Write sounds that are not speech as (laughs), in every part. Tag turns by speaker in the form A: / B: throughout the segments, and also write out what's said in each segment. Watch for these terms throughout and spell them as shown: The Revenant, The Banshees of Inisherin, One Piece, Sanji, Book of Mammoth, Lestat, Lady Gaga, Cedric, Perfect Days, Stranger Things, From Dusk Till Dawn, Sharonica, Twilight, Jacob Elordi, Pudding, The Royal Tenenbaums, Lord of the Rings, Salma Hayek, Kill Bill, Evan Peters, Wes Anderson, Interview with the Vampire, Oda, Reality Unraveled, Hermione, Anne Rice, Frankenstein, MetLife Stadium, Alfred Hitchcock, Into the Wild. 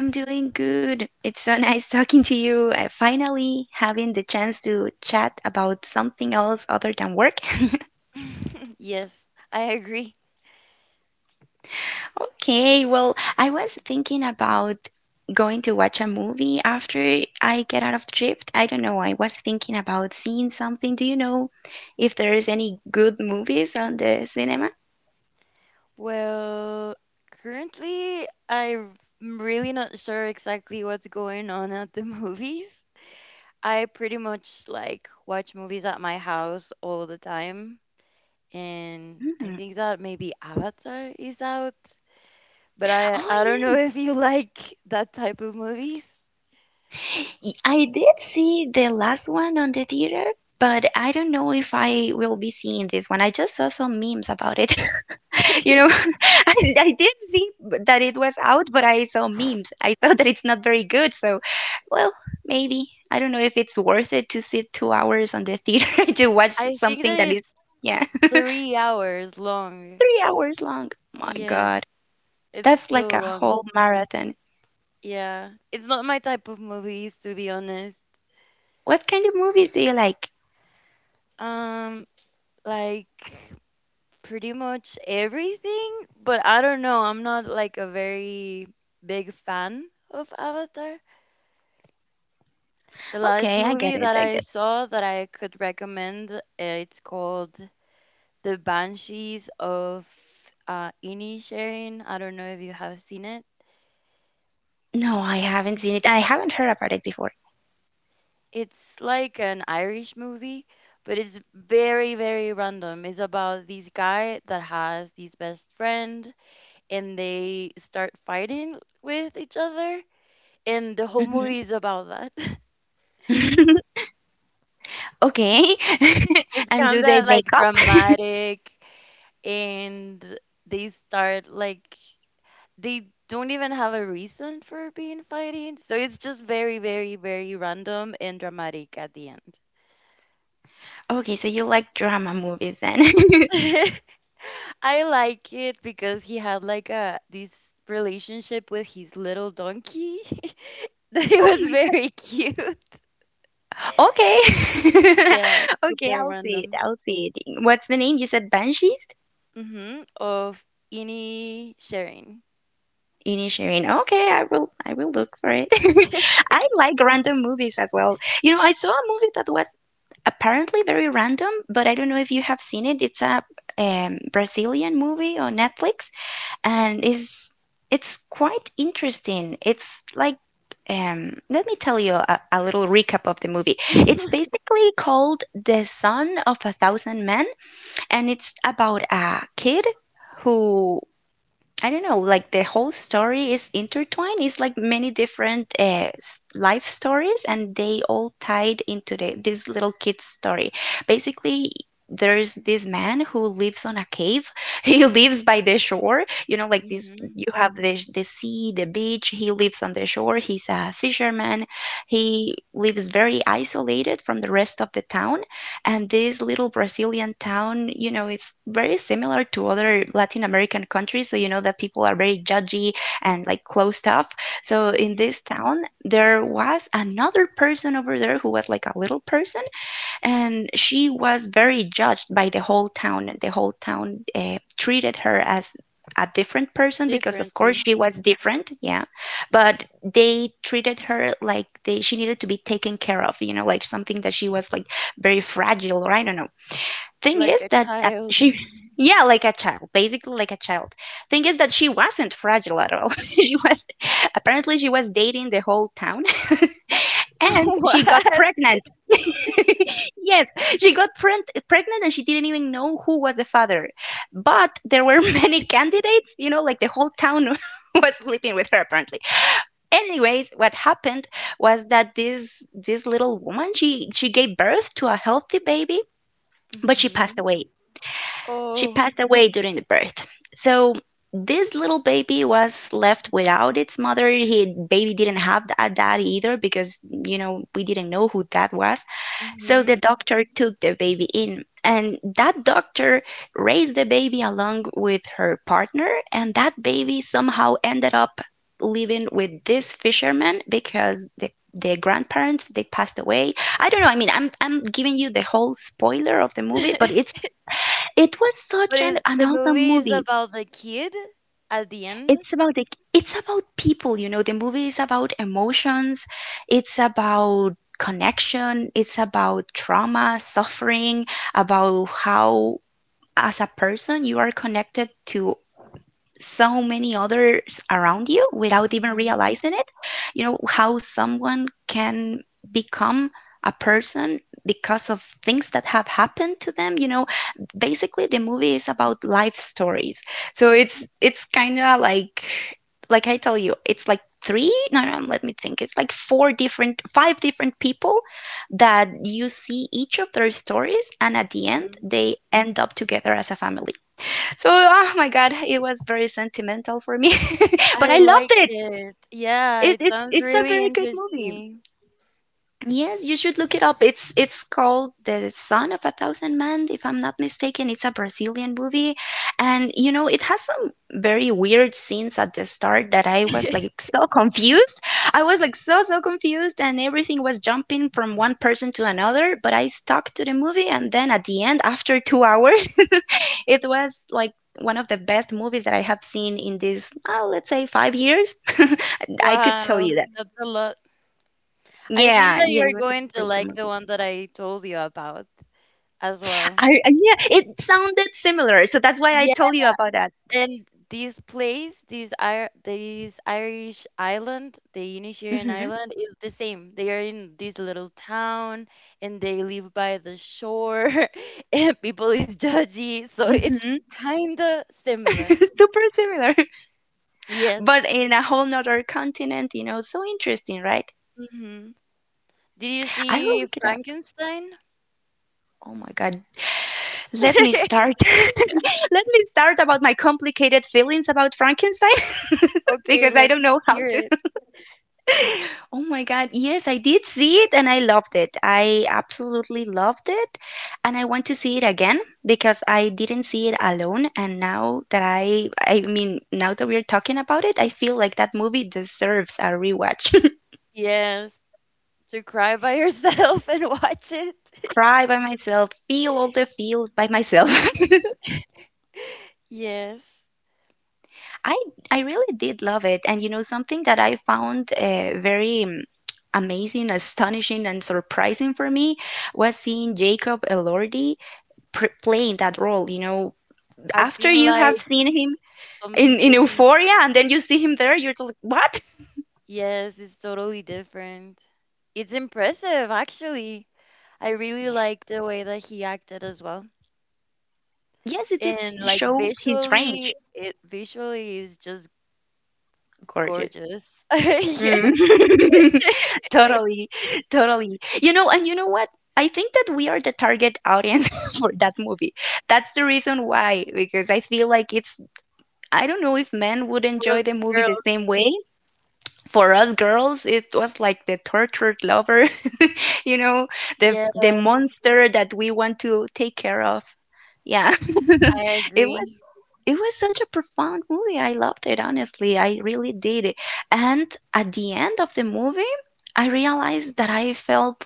A: I'm doing good. It's so (laughs) nice talking to you. I finally having the chance to chat about something else other than work. (laughs)
B: (laughs) Yes, I agree.
A: Okay, well, I was thinking about going to watch a movie after I get out of the trip. I don't know. I was thinking about seeing something. Do you know if there is any good movies on the cinema?
B: Well, currently, I'm really not sure exactly what's going on at the (laughs) movies. I pretty much like watch movies at my house all the time, and I
A: Mm.
B: think that maybe Avatar is out, but I don't know
A: Oh
B: (laughs) if you like that type of movies.
A: I did see the last one on the theater, but I don't know if I will be seeing this one. I just saw some memes about it.
B: (laughs)
A: (laughs) you know, (laughs) I did see that it was out, but I saw memes. I thought that it's not very good. So, well, maybe. I don't know if it's worth it to sit 2 hours on the theater (laughs) to watch
B: I think that
A: something that is,
B: it's
A: yeah,
B: 3 hours
A: (laughs)
B: long.
A: 3 hours long. My
B: Yes,
A: God.
B: it's
A: That's like
B: so
A: a
B: long.
A: whole marathon.
B: Yeah, it's not my type of movies to be honest.
A: What kind of movies do you like?
B: Um, like pretty much everything, but I don't know. I'm not like a very big fan of Avatar. The last
A: Okay, I get
B: movie
A: it.
B: that
A: I
B: I
A: get
B: saw that I could recommend, it's called The Banshees of Inisherin. I don't know if you have seen it.
A: No, I haven't seen it. I haven't heard about it before.
B: It's like an Irish movie, but it's very, very random. It's about this guy that has this best friend and they start fighting with each other. And the whole
A: hmm
B: movie is about that. (laughs)
A: Okay. (laughs)
B: It's
A: And do
B: kind
A: they
B: of
A: make
B: like
A: up?
B: dramatic and they start like they don't even have a reason for being fighting. So it's just very, very, very random and dramatic at the end.
A: Okay, so you like drama movies then. (laughs)
B: (laughs) I like it because he had like a this relationship with his little donkey (laughs) that it
A: Oh
B: was
A: my God.
B: very cute.
A: Okay. (laughs)
B: Yeah,
A: Okay,
B: super
A: I'll see it.
B: random.
A: I'll see it. What's the name? You said Banshees?
B: Mm-hmm. Of any sharing.
A: Inisherin. Okay, I will look for it. (laughs)
B: (laughs)
A: I like random movies as well. You know, I saw a movie that was apparently very random, but I don't know if you have seen it. It's a Brazilian movie on Netflix. And is It's quite interesting. It's like let me tell you a little recap of the movie. It's
B: Mm-hmm.
A: basically called The Son of a Thousand Men, and it's about a kid who I don't know, like the whole story is intertwined. It's like many different life stories, and they all tied into this little kid's story. Basically, there's this man who lives on a cave. (laughs) He lives by the shore. You know, like this, you have the sea, the beach. He lives on the shore. He's a fisherman. He lives very isolated from the rest of the town and this little Brazilian town, you know, it's very similar to other Latin American countries. So, you know, that people are very judgy and like closed off. So, in
B: Mm-hmm.
A: this town, there was another person over there who was like a little person and she was very judged by the whole town. The whole town treated her as a different person because, of course,
B: Differently.
A: she was different. Yeah, but they treated her like they she needed to be taken care of. You know, like something that she was like very fragile, or I don't know. Thing
B: Like
A: is
B: a
A: that
B: child.
A: she. Yeah, like a child, basically like a child. Thing is that she wasn't fragile at all. (laughs) she was apparently she was dating the whole town. (laughs)
B: (laughs)
A: And she got
B: What?
A: pregnant. (laughs) Yes, she got pregnant and she didn't even know who was the father. But there were (laughs) many candidates, you know, like the whole town (laughs) was sleeping with her apparently. Anyways, what happened was that this little woman, she gave birth to a healthy baby, but she passed
B: Mm-hmm.
A: away. She
B: Oh.
A: passed away during the birth. So this little baby was left without its mother. He baby didn't have a dad either because you know we didn't know who that was. So
B: Mm-hmm.
A: the doctor took the baby in, and that doctor raised the baby along with her partner, and that baby somehow ended up living with this fisherman because the grandparents they passed away. I don't know. I mean, I'm giving you the whole spoiler of the movie, but
B: (laughs)
A: it was
B: But
A: such
B: is
A: an
B: the
A: awesome
B: movie is
A: movie.
B: about the kid at the end?
A: It's about the it's about people you know the movie is about emotions, it's about connection, it's about trauma suffering, about how as a person you are connected to so many others around you without even
B: Mm-hmm.
A: realizing it. You know, how someone can become a person because of things that have happened to them, you know, basically the movie is about life stories, so it's kind of like I tell you it's like three no no let me think it's like four different five different people that you see each of their stories and at the end they end up together as a family. So, oh my God, it was very sentimental for me, (laughs) but
B: I
A: I loved
B: like
A: it.
B: it. Yeah, it sounds
A: It's a
B: really
A: very good movie.
B: interesting.
A: Yes, you should look it up. It's called The Son of a Thousand Men, if I'm not mistaken. It's a Brazilian movie, and you know it has some very weird scenes at the start that I was like so (laughs) confused. I was like so confused, and everything was jumping from one person to another. But I stuck to the movie, and then at the end, after 2 hours, (laughs) it was like one of the best movies that I have seen in this, oh, let's say 5 years. (laughs) I could tell
B: Wow,
A: you that.
B: that's a lot. I think
A: Yeah,
B: that
A: yeah, it
B: you're
A: was a
B: going to
A: great
B: like the
A: movie.
B: one that I told you about as well.
A: Yeah, it sounded similar, so that's why I
B: Yeah,
A: told you about that.
B: and this place, this Ir this Irish island, the Inisherin
A: hmm
B: Island, is the same. They are in this little town, and they live by the shore, (laughs) and people is judgy, so it's
A: hmm
B: kinda
A: (laughs)
B: similar.
A: Super similar, (laughs)
B: Yes.
A: but in a whole nother continent, you know, so interesting, right?
B: Hmm. Did you
A: I will
B: see
A: look it up.
B: Frankenstein?
A: Oh my God. Let me
B: (laughs)
A: start. (laughs) Let me start about my complicated feelings about Frankenstein (laughs)
B: Okay,
A: because I
B: let's
A: don't know how
B: hear it.
A: Oh my God. Yes, I did see it and I loved it. I absolutely loved it. And I want to see it again because I didn't see it alone. And now that I mean, now that we're talking about it, I feel like that movie deserves a rewatch.
B: Yes, to cry by yourself (laughs) and watch
A: (laughs)
B: it. (laughs)
A: Cry by myself, feel all the feel by myself.
B: Yes,
A: (laughs) I, I really did love it. And you know, something that I found very amazing, astonishing, and surprising for me was seeing Jacob Elordi playing that role, you know. After
B: acting
A: you have
B: like
A: seen him in
B: something.
A: Euphoria and then you see him there, you're just like, what? (laughs)
B: Yes, it's totally different. It's impressive, actually. I really like the way that he acted as well.
A: Yes, it did
B: And like
A: show his range.
B: visually, it visually is just
A: Gorgeous.
B: gorgeous. (laughs)
A: Mm.
B: Yes,
A: (laughs) Totally, totally. You know, and you know what? I think that we are the target audience (laughs) for that movie. That's the reason why, because I feel like it's, I don't know if men would
B: for the
A: enjoy the movie the
B: girls.
A: same way. For us girls, it was like the tortured lover (laughs) you know,
B: Yes,
A: the monster that we want to take care of. Yeah.
B: I
A: (laughs) It was
B: agree.
A: it was such a profound movie. I loved it, honestly. I really did. And at the end of the movie, I realized that I felt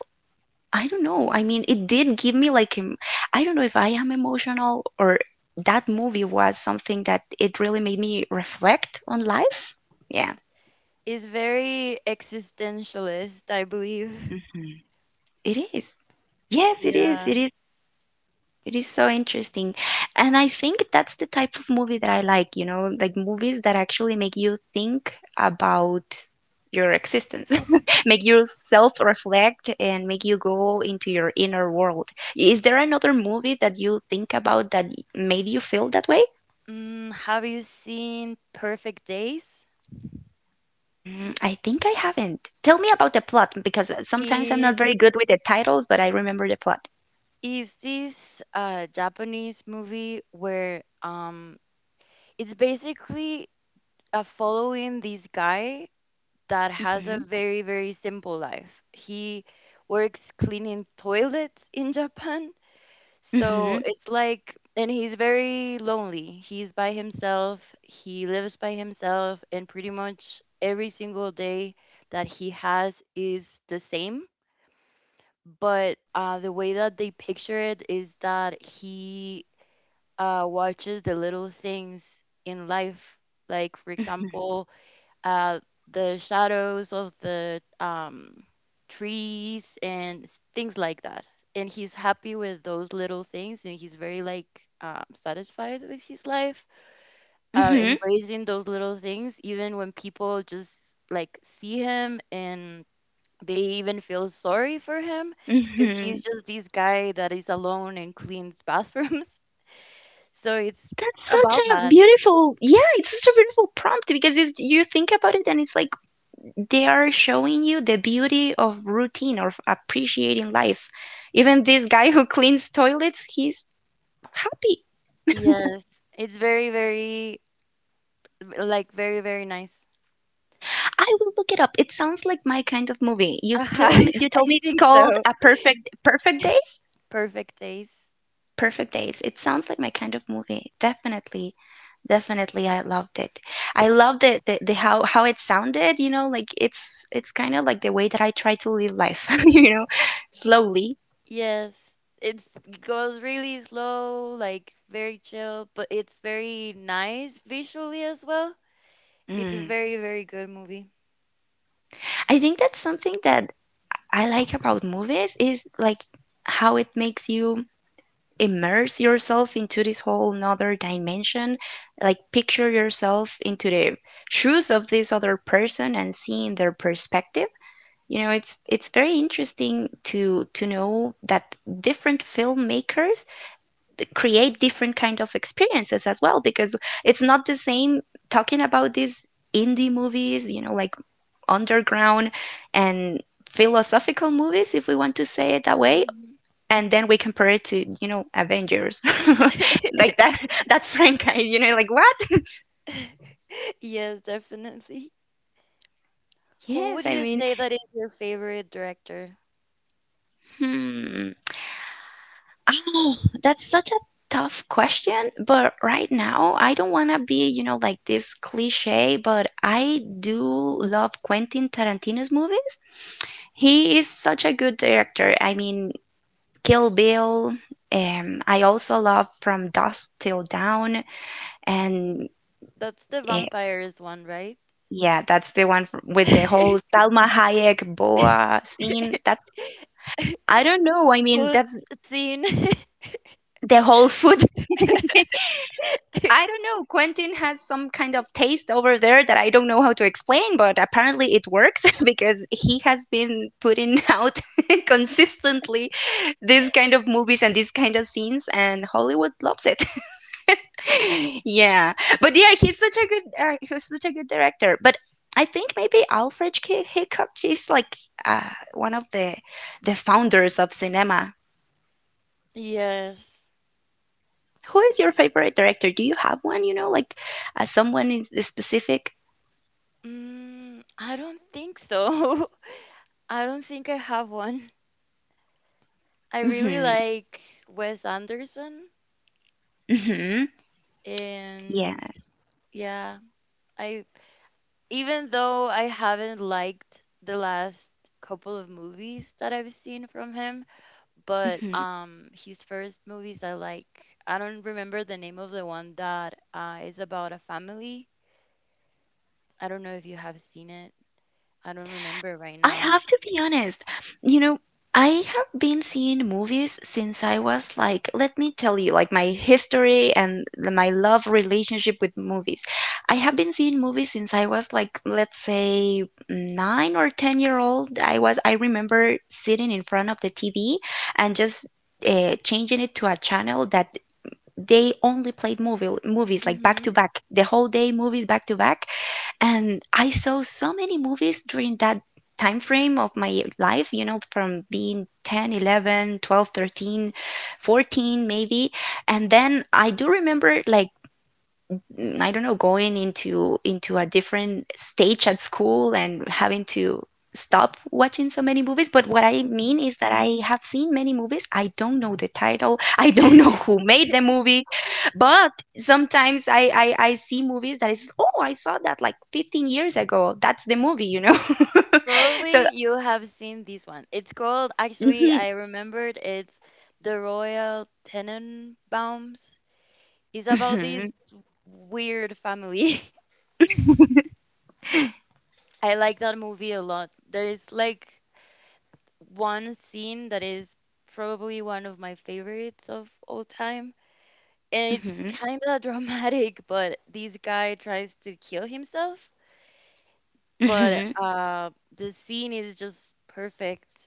A: I don't know. I mean, it did give me like I don't know if I am emotional or that movie was something that it really made me reflect on life. Yeah.
B: Is very existentialist, I believe.
A: Mhm. It is. Yes, it is.
B: Yeah.
A: It is so interesting. And I think that's the type of movie that I like, you know, like movies that actually make you think about your existence, (laughs) make you self-reflect and make you go into your inner world. Is there another movie that you think about that made you feel that way?
B: Mm, have you seen Perfect Days?
A: I think I haven't. Tell me about the plot because sometimes I'm not
B: Is
A: very good with the titles, but I remember the plot.
B: is this a Japanese movie where it's basically following this guy that has a
A: hmm
B: very very simple life. He works cleaning toilets in Japan. So
A: hmm
B: it's like, and he's very lonely. He's by himself. He lives by himself, and pretty much every single day that he has is the same. But the way that they picture it is that he watches the little things in life. Like, for example, uh, the shadows of the trees and things like that. And he's happy with those little things, and he's very like satisfied with his life,
A: hmm
B: embracing those little things, even when people just like see him and they even feel sorry for him because
A: hmm
B: he's just this guy that is alone and cleans bathrooms. (laughs) So it's
A: That's such
B: about
A: a
B: that.
A: beautiful, yeah, it's such a beautiful prompt because it's, you think about it and it's like they are showing you the beauty of routine or of appreciating life. Even this guy who cleans toilets, he's happy.
B: Yes, it's very, very like very, very nice.
A: I will look it up. It sounds like my kind of movie. You
B: Uh-huh. (laughs)
A: tell me, you told
B: I
A: me it's
B: think
A: called
B: so.
A: A Perfect Day.
B: Perfect taste.
A: Perfect Days. It sounds like my kind of movie. Definitely. Definitely I loved it. I loved it, the how it sounded, you know, like it's kind of like the way that I try to live life, (laughs) you know, slowly.
B: Yes, it's it goes really slow, like very chill, but it's very nice visually as well. It's a
A: Mm.
B: very, very good movie.
A: I think that's something that I like about movies is like how it makes you immerse yourself into this whole another dimension, like picture yourself into the shoes of this other person and seeing their perspective. You know, it's very interesting to know that different filmmakers create different kind of experiences as well because it's not the same talking about these indie movies, you know, like underground and philosophical movies if we want to say it that way,
B: Mhm.
A: and then we compare it to, you know, Avengers. (laughs)
B: (laughs)
A: Like that franchise, you know, like what?
B: Yes, definitely. Who
A: Yes,
B: would
A: I
B: you
A: mean,
B: say that is your favorite director?
A: hmm. Oh, that's such a tough question, but right now I don't want to be, you know, like this cliche, but I do love Quentin Tarantino's movies. He is such a good director. I mean, Kill Bill, I also love From Dusk Till Dawn, and
B: That's the
A: eh,
B: vampires one, right?
A: yeah, that's the one with the whole Salma Hayek
B: (laughs)
A: boa scene. That I don't know. I mean,
B: Food
A: that's
B: scene. (laughs)
A: the whole food. (laughs) I don't know. Quentin has some kind of taste over there that I don't know how to explain, but apparently it works (laughs) because he has been putting out (laughs) consistently this kind of movies and these kind of scenes, and Hollywood loves it. (laughs) Yeah, but yeah, he's such a good director. But I think maybe Alfred Hitchcock is like one of the founders of cinema.
B: Yes.
A: Who is your favorite director? Do you have one? You know, like someone is specific?
B: Mm, I don't think so. (laughs) I don't think I have one. I really
A: Hmm,
B: like Wes Anderson
A: hmm. Yeah.
B: and yeah, I even though I haven't liked the last couple of movies that I've seen from him, but
A: Hmm.
B: his first movies I like. I don't remember the name of the one that is about a family. I don't know if you have seen it. I don't remember right
A: I
B: now.
A: have to be honest. You know, I have been seeing movies since I was like, let me tell you, like my history and my love relationship with movies. I have been seeing movies since I was like, let's say, 9 or 10 year old. I remember sitting in front of the TV and just changing it to a channel that they only played movies like back to
B: Mhm.
A: back, the whole day movies back to back, and I saw so many movies during that time frame of my life, you know, from being 10, 11, 12, 13, 14, maybe. And then I do remember, like, I don't know, going into a different stage at school and having to stop watching so many movies. But what I mean
B: Mhm.
A: is that I have seen many movies. I don't know the title. (laughs) I don't know who made the
B: (laughs)
A: movie. But sometimes I see movies that is, oh, I saw that like 15 years ago. That's the movie. (laughs) So,
B: Probably you have seen this one. It's called, actually,
A: mhm,
B: I remembered it's The Royal Tenenbaums. It's about
A: mhm,
B: this weird family. (laughs) I like that movie a lot. There is like one scene that is probably one of my favorites of all time. And it's
A: mhm,
B: kind of (laughs) dramatic, but this guy tries to kill himself. But
A: mhm.
B: the scene is just perfect.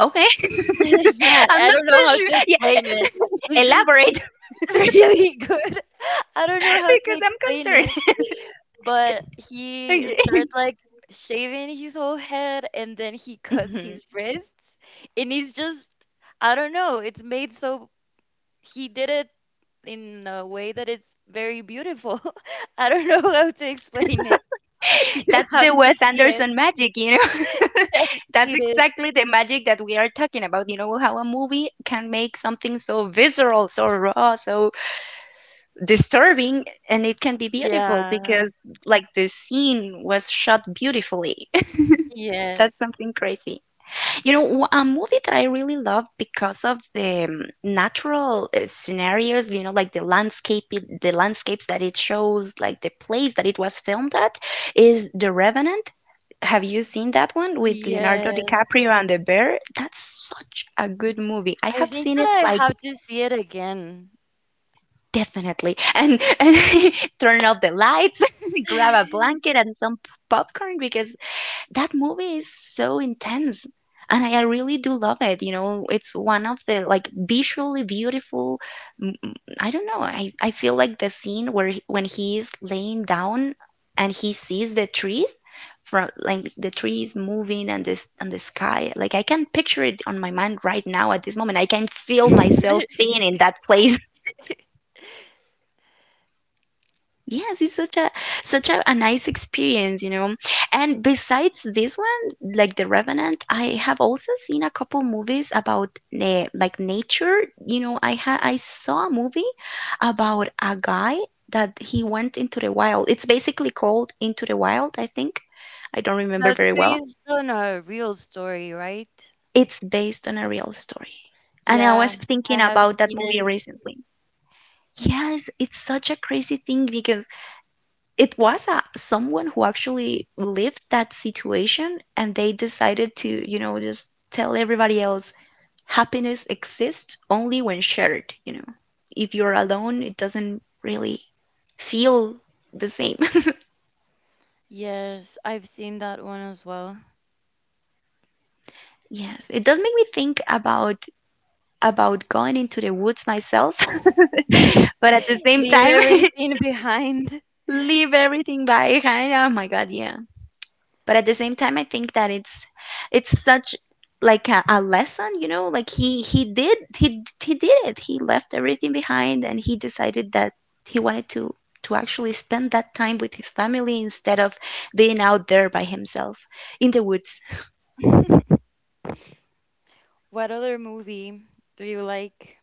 A: Okay.
B: (laughs)
A: (laughs)
B: Yeah,
A: I'm
B: I
A: not
B: don't
A: so
B: know how to
A: sure. Yeah,
B: explain it.
A: (laughs)
B: It's just
A: elaborate
B: (laughs) really good. (laughs) I
A: (laughs)
B: don't know how to
A: because I'm
B: explain it.
A: concerned.
B: But he
A: Okay.
B: starts
A: (laughs)
B: like shaving his whole head and then he cuts
A: Mhm.
B: his wrists. And he's just, I don't know, it's made so he did it in a way that it's very beautiful. (laughs) I don't know how to explain it. (laughs) You
A: That's
B: have
A: the
B: to
A: Wes
B: see it.
A: Anderson magic, you know? (laughs) That's
B: It is.
A: exactly the magic that we are talking about. You know, how a movie can make something so visceral, so raw, so disturbing, and it can be beautiful
B: Yeah.
A: because, like, the scene was shot beautifully. (laughs) That's
B: Yes.
A: something crazy. You know, a movie that I really love because of the natural scenarios, you know, like the landscape, the landscapes that it shows, like the place that it was filmed at, is The Revenant. Have you seen that one with Leonardo
B: Yes.
A: DiCaprio and the bear? That's such a good movie. I
B: I
A: have
B: think
A: seen
B: that
A: it,
B: I
A: like,
B: have to see it again.
A: definitely. And (laughs) turn off the lights, (laughs) grab a
B: (laughs)
A: blanket and some popcorn, because that movie is so intense, and I really do love it. It's one of the, like, visually beautiful m- m- I don't know, I feel like the scene where when he is laying down and he sees the trees, from, like, the trees moving, and this, and the sky, like, I can picture it on my mind right now. At this moment, I can feel myself being in that place. Yes, it's such a nice experience, you know. And besides this one, like The Revenant, I have also seen a couple movies about na like nature. You know, I saw a movie about a guy that he went into the wild. It's basically called Into the Wild, I think. I don't remember
B: That's
A: very well.
B: based on a real story, right?
A: It's based on a real story. And I
B: Yeah,
A: was
B: I
A: thinking
B: have
A: about that
B: seen
A: movie
B: it.
A: recently. Yes, it's such a crazy thing because it was someone who actually lived that situation, and they decided to just tell everybody else, happiness exists only when shared. If you're alone, it doesn't really feel the same. (laughs)
B: Yes, I've seen that one as well.
A: Yes, it does make me think about going into the woods myself, (laughs) but at the
B: (laughs)
A: same
B: Leave
A: time,
B: everything behind.
A: (laughs) leave everything behind. Oh my God, yeah. But at the same time, I think that it's such, like, a lesson, like he did, he did it, he left everything behind, and he decided that he wanted to actually spend that time with his family instead of being out there by himself in the woods.
B: (laughs) What other movie do you like?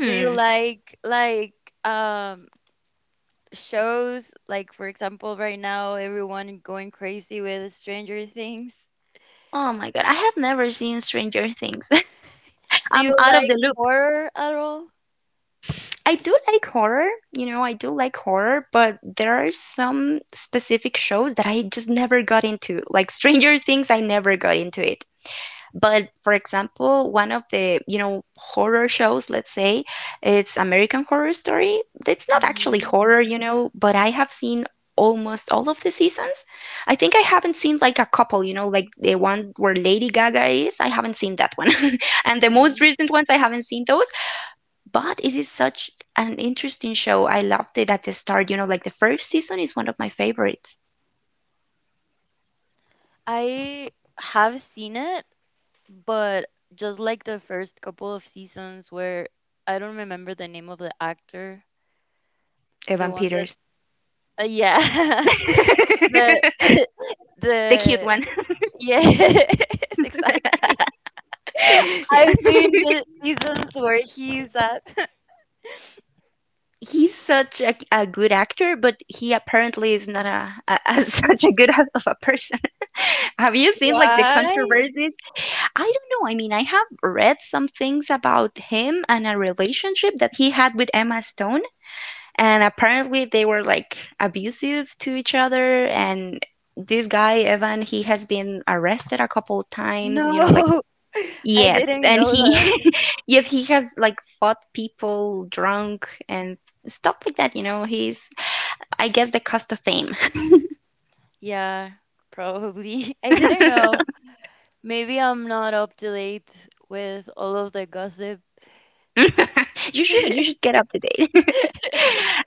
B: Do you like um shows like for example right now everyone going crazy with Stranger Things?
A: Oh my God, I have never seen Stranger Things. (laughs)
B: Do
A: I'm
B: you
A: out of
B: like
A: the loop.
B: horror at all?
A: I do like horror, you know, I do like horror, but there are some specific shows that I just never got into. Like Stranger Things, I never got into it. But, for example, one of the horror shows, let's say, it's American Horror Story. It's not actually
B: Mhm,
A: horror, but I have seen almost all of the seasons. I think I haven't seen like a couple, like the one where Lady Gaga is. I haven't seen that one. (laughs) And the most
B: mhm.
A: recent ones, I haven't seen those, but it is such an interesting show. I loved it at the start. You know, like the first season is one of my favorites.
B: I have seen it, but just like the first couple of seasons where I don't remember the name of the actor, the
A: Evan
B: one that
A: Peters,
B: yeah.
A: (laughs)
B: (laughs) The
A: the
B: (laughs)
A: cute
B: the
A: one.
B: yes, (laughs)
A: (laughs)
B: exactly. (laughs)
A: Yeah.
B: I've seen
A: (laughs)
B: the seasons where he's at. (laughs)
A: He's such a good actor, but he apparently is not a (laughs) such a good (laughs) of a person. (laughs) Have you seen, like, the
B: Why?
A: controversies? I don't know. I mean, I have read some things about him and a relationship that he had with Emma Stone, and apparently they were, like, abusive to each other. And this guy Evan, he has been arrested a couple of
B: No.
A: times, like
B: (laughs) I
A: yes.
B: didn't
A: And
B: know.
A: he, (laughs) yes, he has, like, fought people drunk and stuff like that. He's, I guess, the cost of fame.
B: Yeah, probably. (laughs) I didn't
A: (laughs)
B: know. Maybe I'm not up to date with all of the gossip.
A: (laughs) You should
B: (laughs)
A: get up to date. (laughs)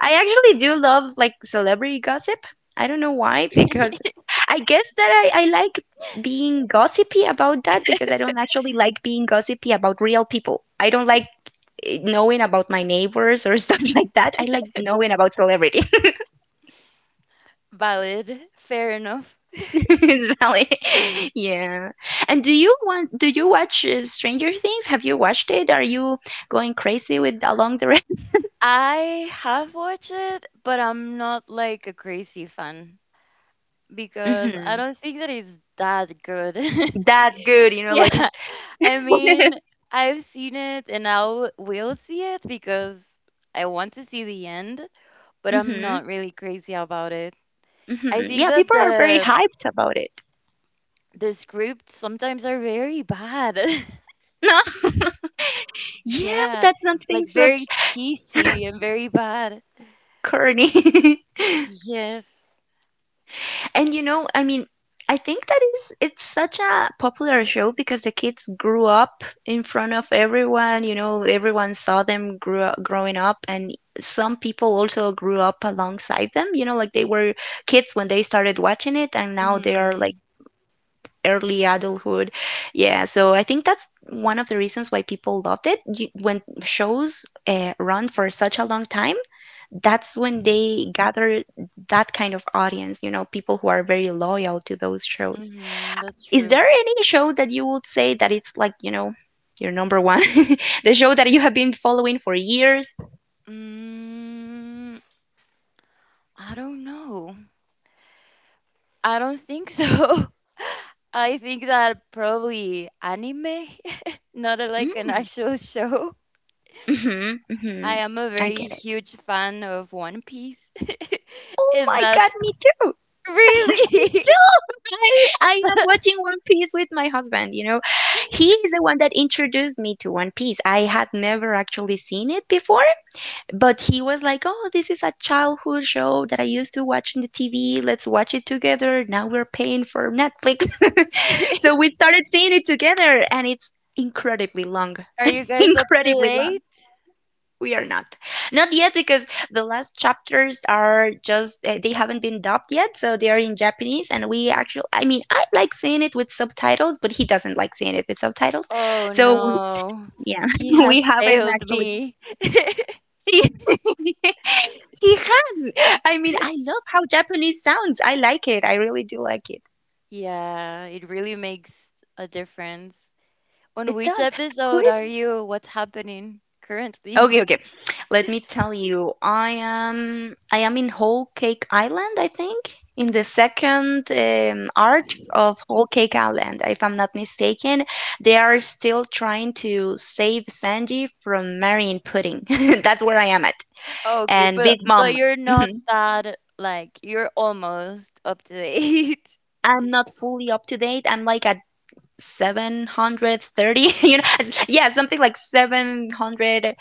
A: I actually do love, like, celebrity gossip. I don't know why, because I guess that I like being gossipy about that, because I don't actually like being gossipy about real people. I don't like knowing about my neighbors or stuff (laughs) like that. I like knowing about celebrities. (laughs)
B: Valid. Fair enough.
A: It's valid. Yeah. And do you watch Stranger Things? Have you watched it? Are you going crazy with along the rest?
B: I have watched it, but I'm not like a crazy fan
A: (laughs)
B: because I
A: Hmm.
B: don't think that it's that good. (laughs)
A: That good, like
B: Yeah, I
A: (laughs)
B: mean, I've seen it and I will see it because I want to see the end, but I'm
A: Mm-hmm.
B: not really crazy about it. I
A: Mm-hmm.
B: think
A: Yeah,
B: that
A: people are very
B: the
A: hyped about it.
B: This scripts sometimes are very bad. (laughs)
A: No. (laughs) Yeah,
B: Yeah,
A: that's something
B: like
A: such
B: very cheesy and very bad.
A: corny. (laughs)
B: Yes.
A: And I mean, I think that is it's such a popular show because the kids grew up in front of everyone, you know, everyone saw them growing up, and some people also grew up alongside them, like they were kids when they started watching it, and now they are, like,
B: Mhm.
A: early adulthood. Yeah, so I think that's one of the reasons why people loved it. When shows run for such a long time, that's when they gather that kind of audience, people who are very loyal to those shows.
B: Mhm. That's
A: Is
B: true.
A: there any show that you would say that it's like, your number one, (laughs) the show that you have been following for years?
B: Mm, I don't know. I don't think so. (laughs) I think that probably anime, (laughs) not a, like an
A: Mm,
B: actual (laughs) show.
A: hmm,
B: I
A: hmm.
B: am a
A: I
B: very
A: get it.
B: huge fan of One Piece. (laughs)
A: Oh
B: And
A: my
B: that
A: God, me too.
B: really.
A: I, I am watching One Piece with my husband. He is the one that introduced me to One Piece. I had never actually seen it before, but he was like, "Oh, this is a childhood show that I used to watch on the TV. Let's watch it together. Now we're paying for Netflix." (laughs) So
B: (laughs)
A: we started seeing it together, and it's incredibly long.
B: Are you
A: (laughs)
B: guys up to
A: Incredibly long.
B: date?
A: We are not yet, because the last chapters are just, they haven't been dubbed yet, so they are in Japanese, and we actually, I mean, I like seeing it with subtitles, but he doesn't like seeing it with subtitles,
B: Oh
A: so
B: no,
A: yeah.
B: he
A: (laughs) We
B: has
A: haven't
B: failed
A: actually
B: me.
A: (laughs) he has, I mean, I
B: (laughs)
A: love how Japanese sounds. I like it. I really do like it.
B: Yeah, it really makes a difference. On
A: It
B: which
A: does. Who
B: episode
A: is...
B: are you? What's happening currently?
A: Okay, okay. Let me tell you, I am in Whole Cake Island, I think, in the second arc of Whole Cake Island, if I'm not mistaken. They are still trying to save Sanji from marrying Pudding. (laughs) That's where I am at.
B: Okay,
A: And
B: but
A: Big Mom.
B: you're not
A: Mhm.
B: that like you're almost up to date. (laughs)
A: I'm not fully up to date. I'm like at 730, (laughs) Yeah, something like 700,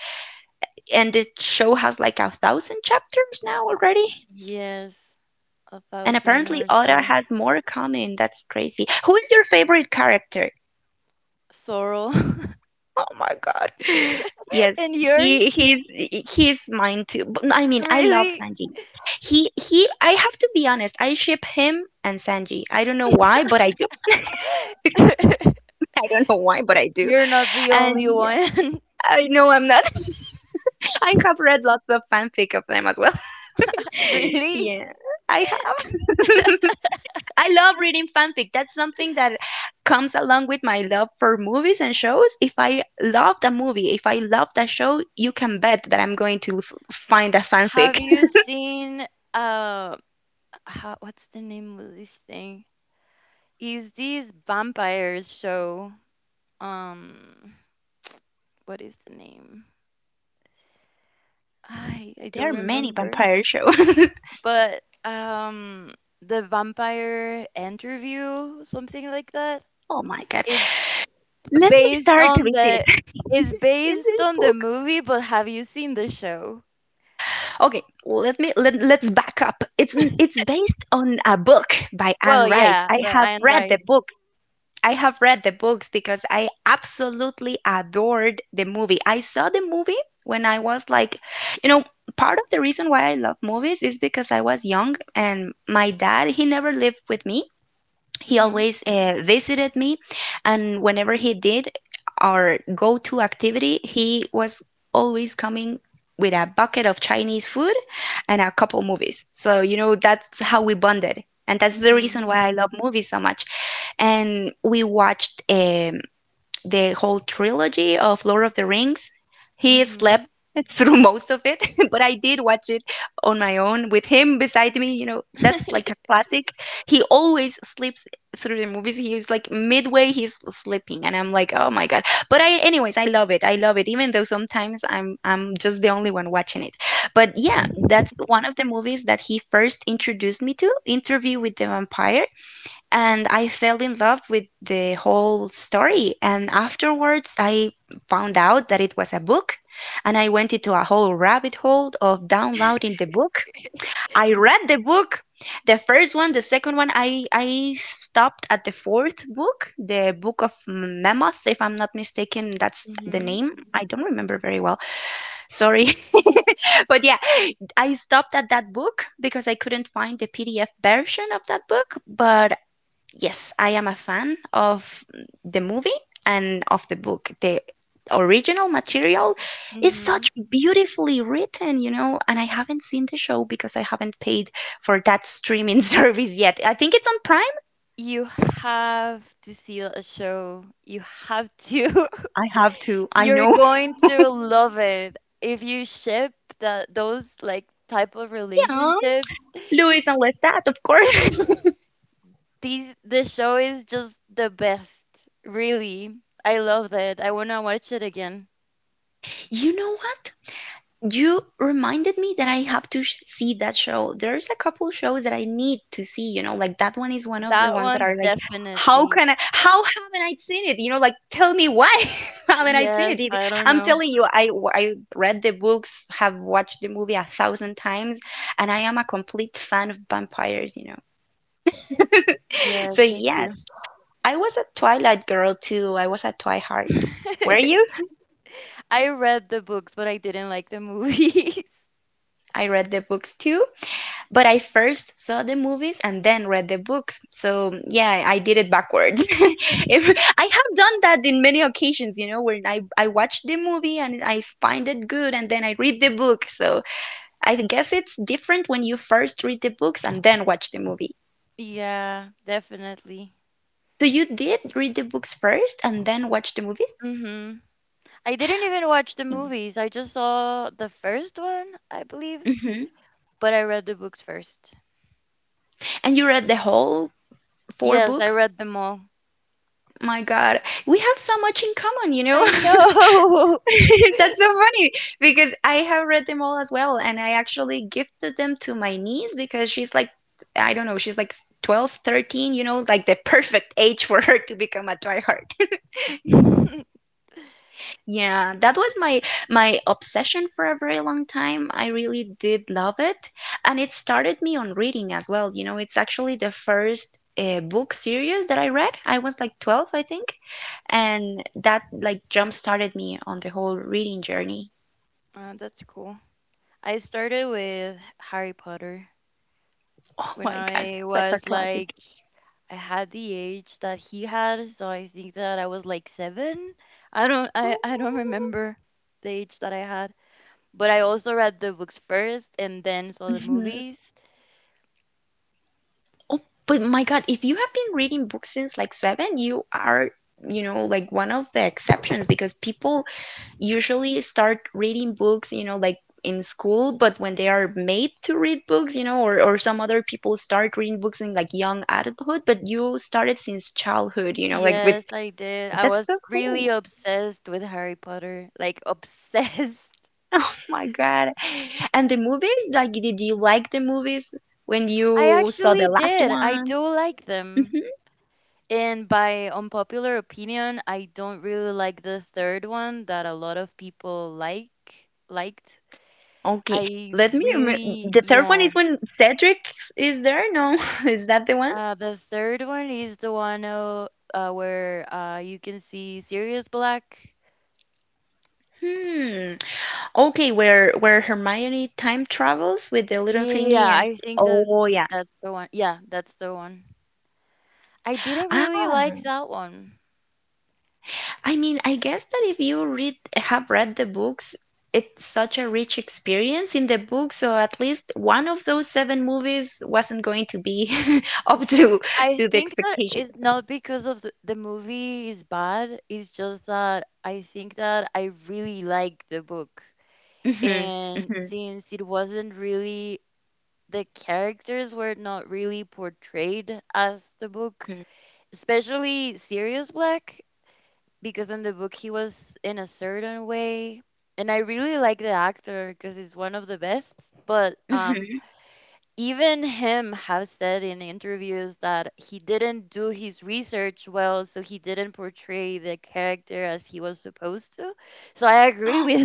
A: and the show has like a thousand chapters now already.
B: Yes, a
A: And
B: thousand
A: apparently,
B: or
A: Oda
B: so.
A: has more coming. That's crazy. Who is your favorite character?
B: Sorrow. (laughs)
A: Oh my God. Yes,
B: And
A: he
B: yours?
A: he's he's mine too. But, I mean, I love
B: Really?
A: Sanji. He. I have to be honest. I ship him and Sanji. I don't know why, but I do.
B: (laughs)
A: (laughs) I don't know why, but I do.
B: You're not the
A: And
B: only
A: yeah,
B: one.
A: I know I'm not. (laughs) I have read lots of fanfic of them as well.
B: (laughs)
A: (laughs)
B: Really?
A: Yeah, I have. (laughs) I love reading fanfic. That's something that comes along with my love for movies and shows. If I love the movie, if I love the show, you can bet that I'm going to find a fanfic.
B: Have you
A: (laughs)
B: seen uh how, what's the name of this thing? Is this vampires show? Um what is the name? I
A: There
B: don't
A: are many
B: remember.
A: vampire shows.
B: But the vampire interview, something like that.
A: (laughs) Oh my god.
B: It's
A: Let me
B: based
A: start
B: on
A: with this.
B: the
A: In this book.
B: movie, but have you seen the show?
A: Okay, let's back up. It's based on a book by Anne
B: Well,
A: Rice.
B: yeah,
A: I
B: but
A: have
B: Anne
A: read the
B: Rice.
A: book. I have read the books because I absolutely adored the movie. I saw the movie when I was like, you know, part of the reason why I love movies is because I was young and my dad, he never lived with me. He
B: Mhm.
A: always visited me, and whenever he did, our go to activity, he was always coming with a bucket of Chinese food and a couple movies. So, you know, that's how we bonded. And that's the reason
B: Mhm.
A: why I love movies so much. And we watched the whole trilogy of Lord of the Rings. He slept
B: Mhm.
A: (laughs) through most of it, (laughs) but I did watch it on my own with him beside me. You know, that's like a classic. He always sleeps through the movies. He was like midway, he's sleeping, and I'm like, oh my god. But anyways, I love it. I love it, even though sometimes I'm just the only one watching it. But yeah,
B: (laughs)
A: that's one of the movies that he first introduced me to, Interview with the Vampire, and I fell in love with the whole story. And afterwards, I found out that it was a book, and I went into a whole rabbit hole of downloading the book. I
B: (laughs)
A: read the book, the first one, the second one. I stopped at the fourth book, the Book of Mammoth, if I'm not mistaken. That's the
B: Mhm.
A: name. I don't remember very well. Sorry, (laughs) but yeah, I stopped at that book because I couldn't find the PDF version of that book, but yes, I am a fan of the movie and of the book. The original material is
B: Mhm.
A: such beautifully written, and I haven't seen the show because I haven't paid for that streaming (laughs) service yet. I think it's on Prime.
B: You have to see a show. You have to.
A: I have to.
B: (laughs)
A: I
B: You're
A: know. (laughs)
B: going to love it if you ship that those like type of
A: Yeah.
B: relationships.
A: Luis and Lestat, of course.
B: The show is just the best. Really. I love that. I want to watch it again.
A: (laughs) You know what? You reminded me that I have to see that show. There's a couple shows that I need to see, like that one is one of the ones that are like, how haven't I seen it? You know, like tell me why (laughs) haven't I seen it? I'm telling you, I read the books, have watched the movie a thousand times, and I am a complete fan of vampires. (laughs) So, yes, I was a Twilight girl too. I was a Twilight. Were you? I read the books too. But I first saw the movies and then read the books. So yeah, I did it backwards. (laughs) if, I have done that in many occasions, where I watch the movie and I find it good and then I read the book. So I guess it's different when you first read the books and then watch the movie. So you did read the books first and then watch the movies? Hmm. And you read the whole four books? My God, we have so much in common, you know? (laughs) (laughs) That's so funny because I have read them all as well, and I actually gifted them to my niece because she's like, I don't know, she's like 12, 13, you know, like the perfect age for her to become a Twilight. (laughs) Yeah, that was my obsession for a very long time. I really did love it, and it started me on reading as well. You know, it's actually the first book series that I read. I was like 12, I think, and that like jump started me on the whole reading journey. Oh my God. Such a classic. Oh. Mhm. Oh, but my God, if you have been reading books since like 7, you are, like one of the exceptions because people usually start reading books, like in school, but when they are made to read books, or some other people start reading books in like young adulthood, but you started since childhood, like with that's so cool. (laughs) Oh my God. And the movies, like, did you like the movies when you saw the last one? Hmm. Okay. Let me remember. The third one is when Cedric is there? No, (laughs) is that the one? Hmm. Okay, where Hermione time travels with the little thingy and oh yeah. Oh. I mean, I guess that if you read have read the books, it's such a rich experience in the book, so at least one of those seven movies wasn't going to be (laughs) up to the expectation. Hmm, hmm, hmm, hmm. (gasps)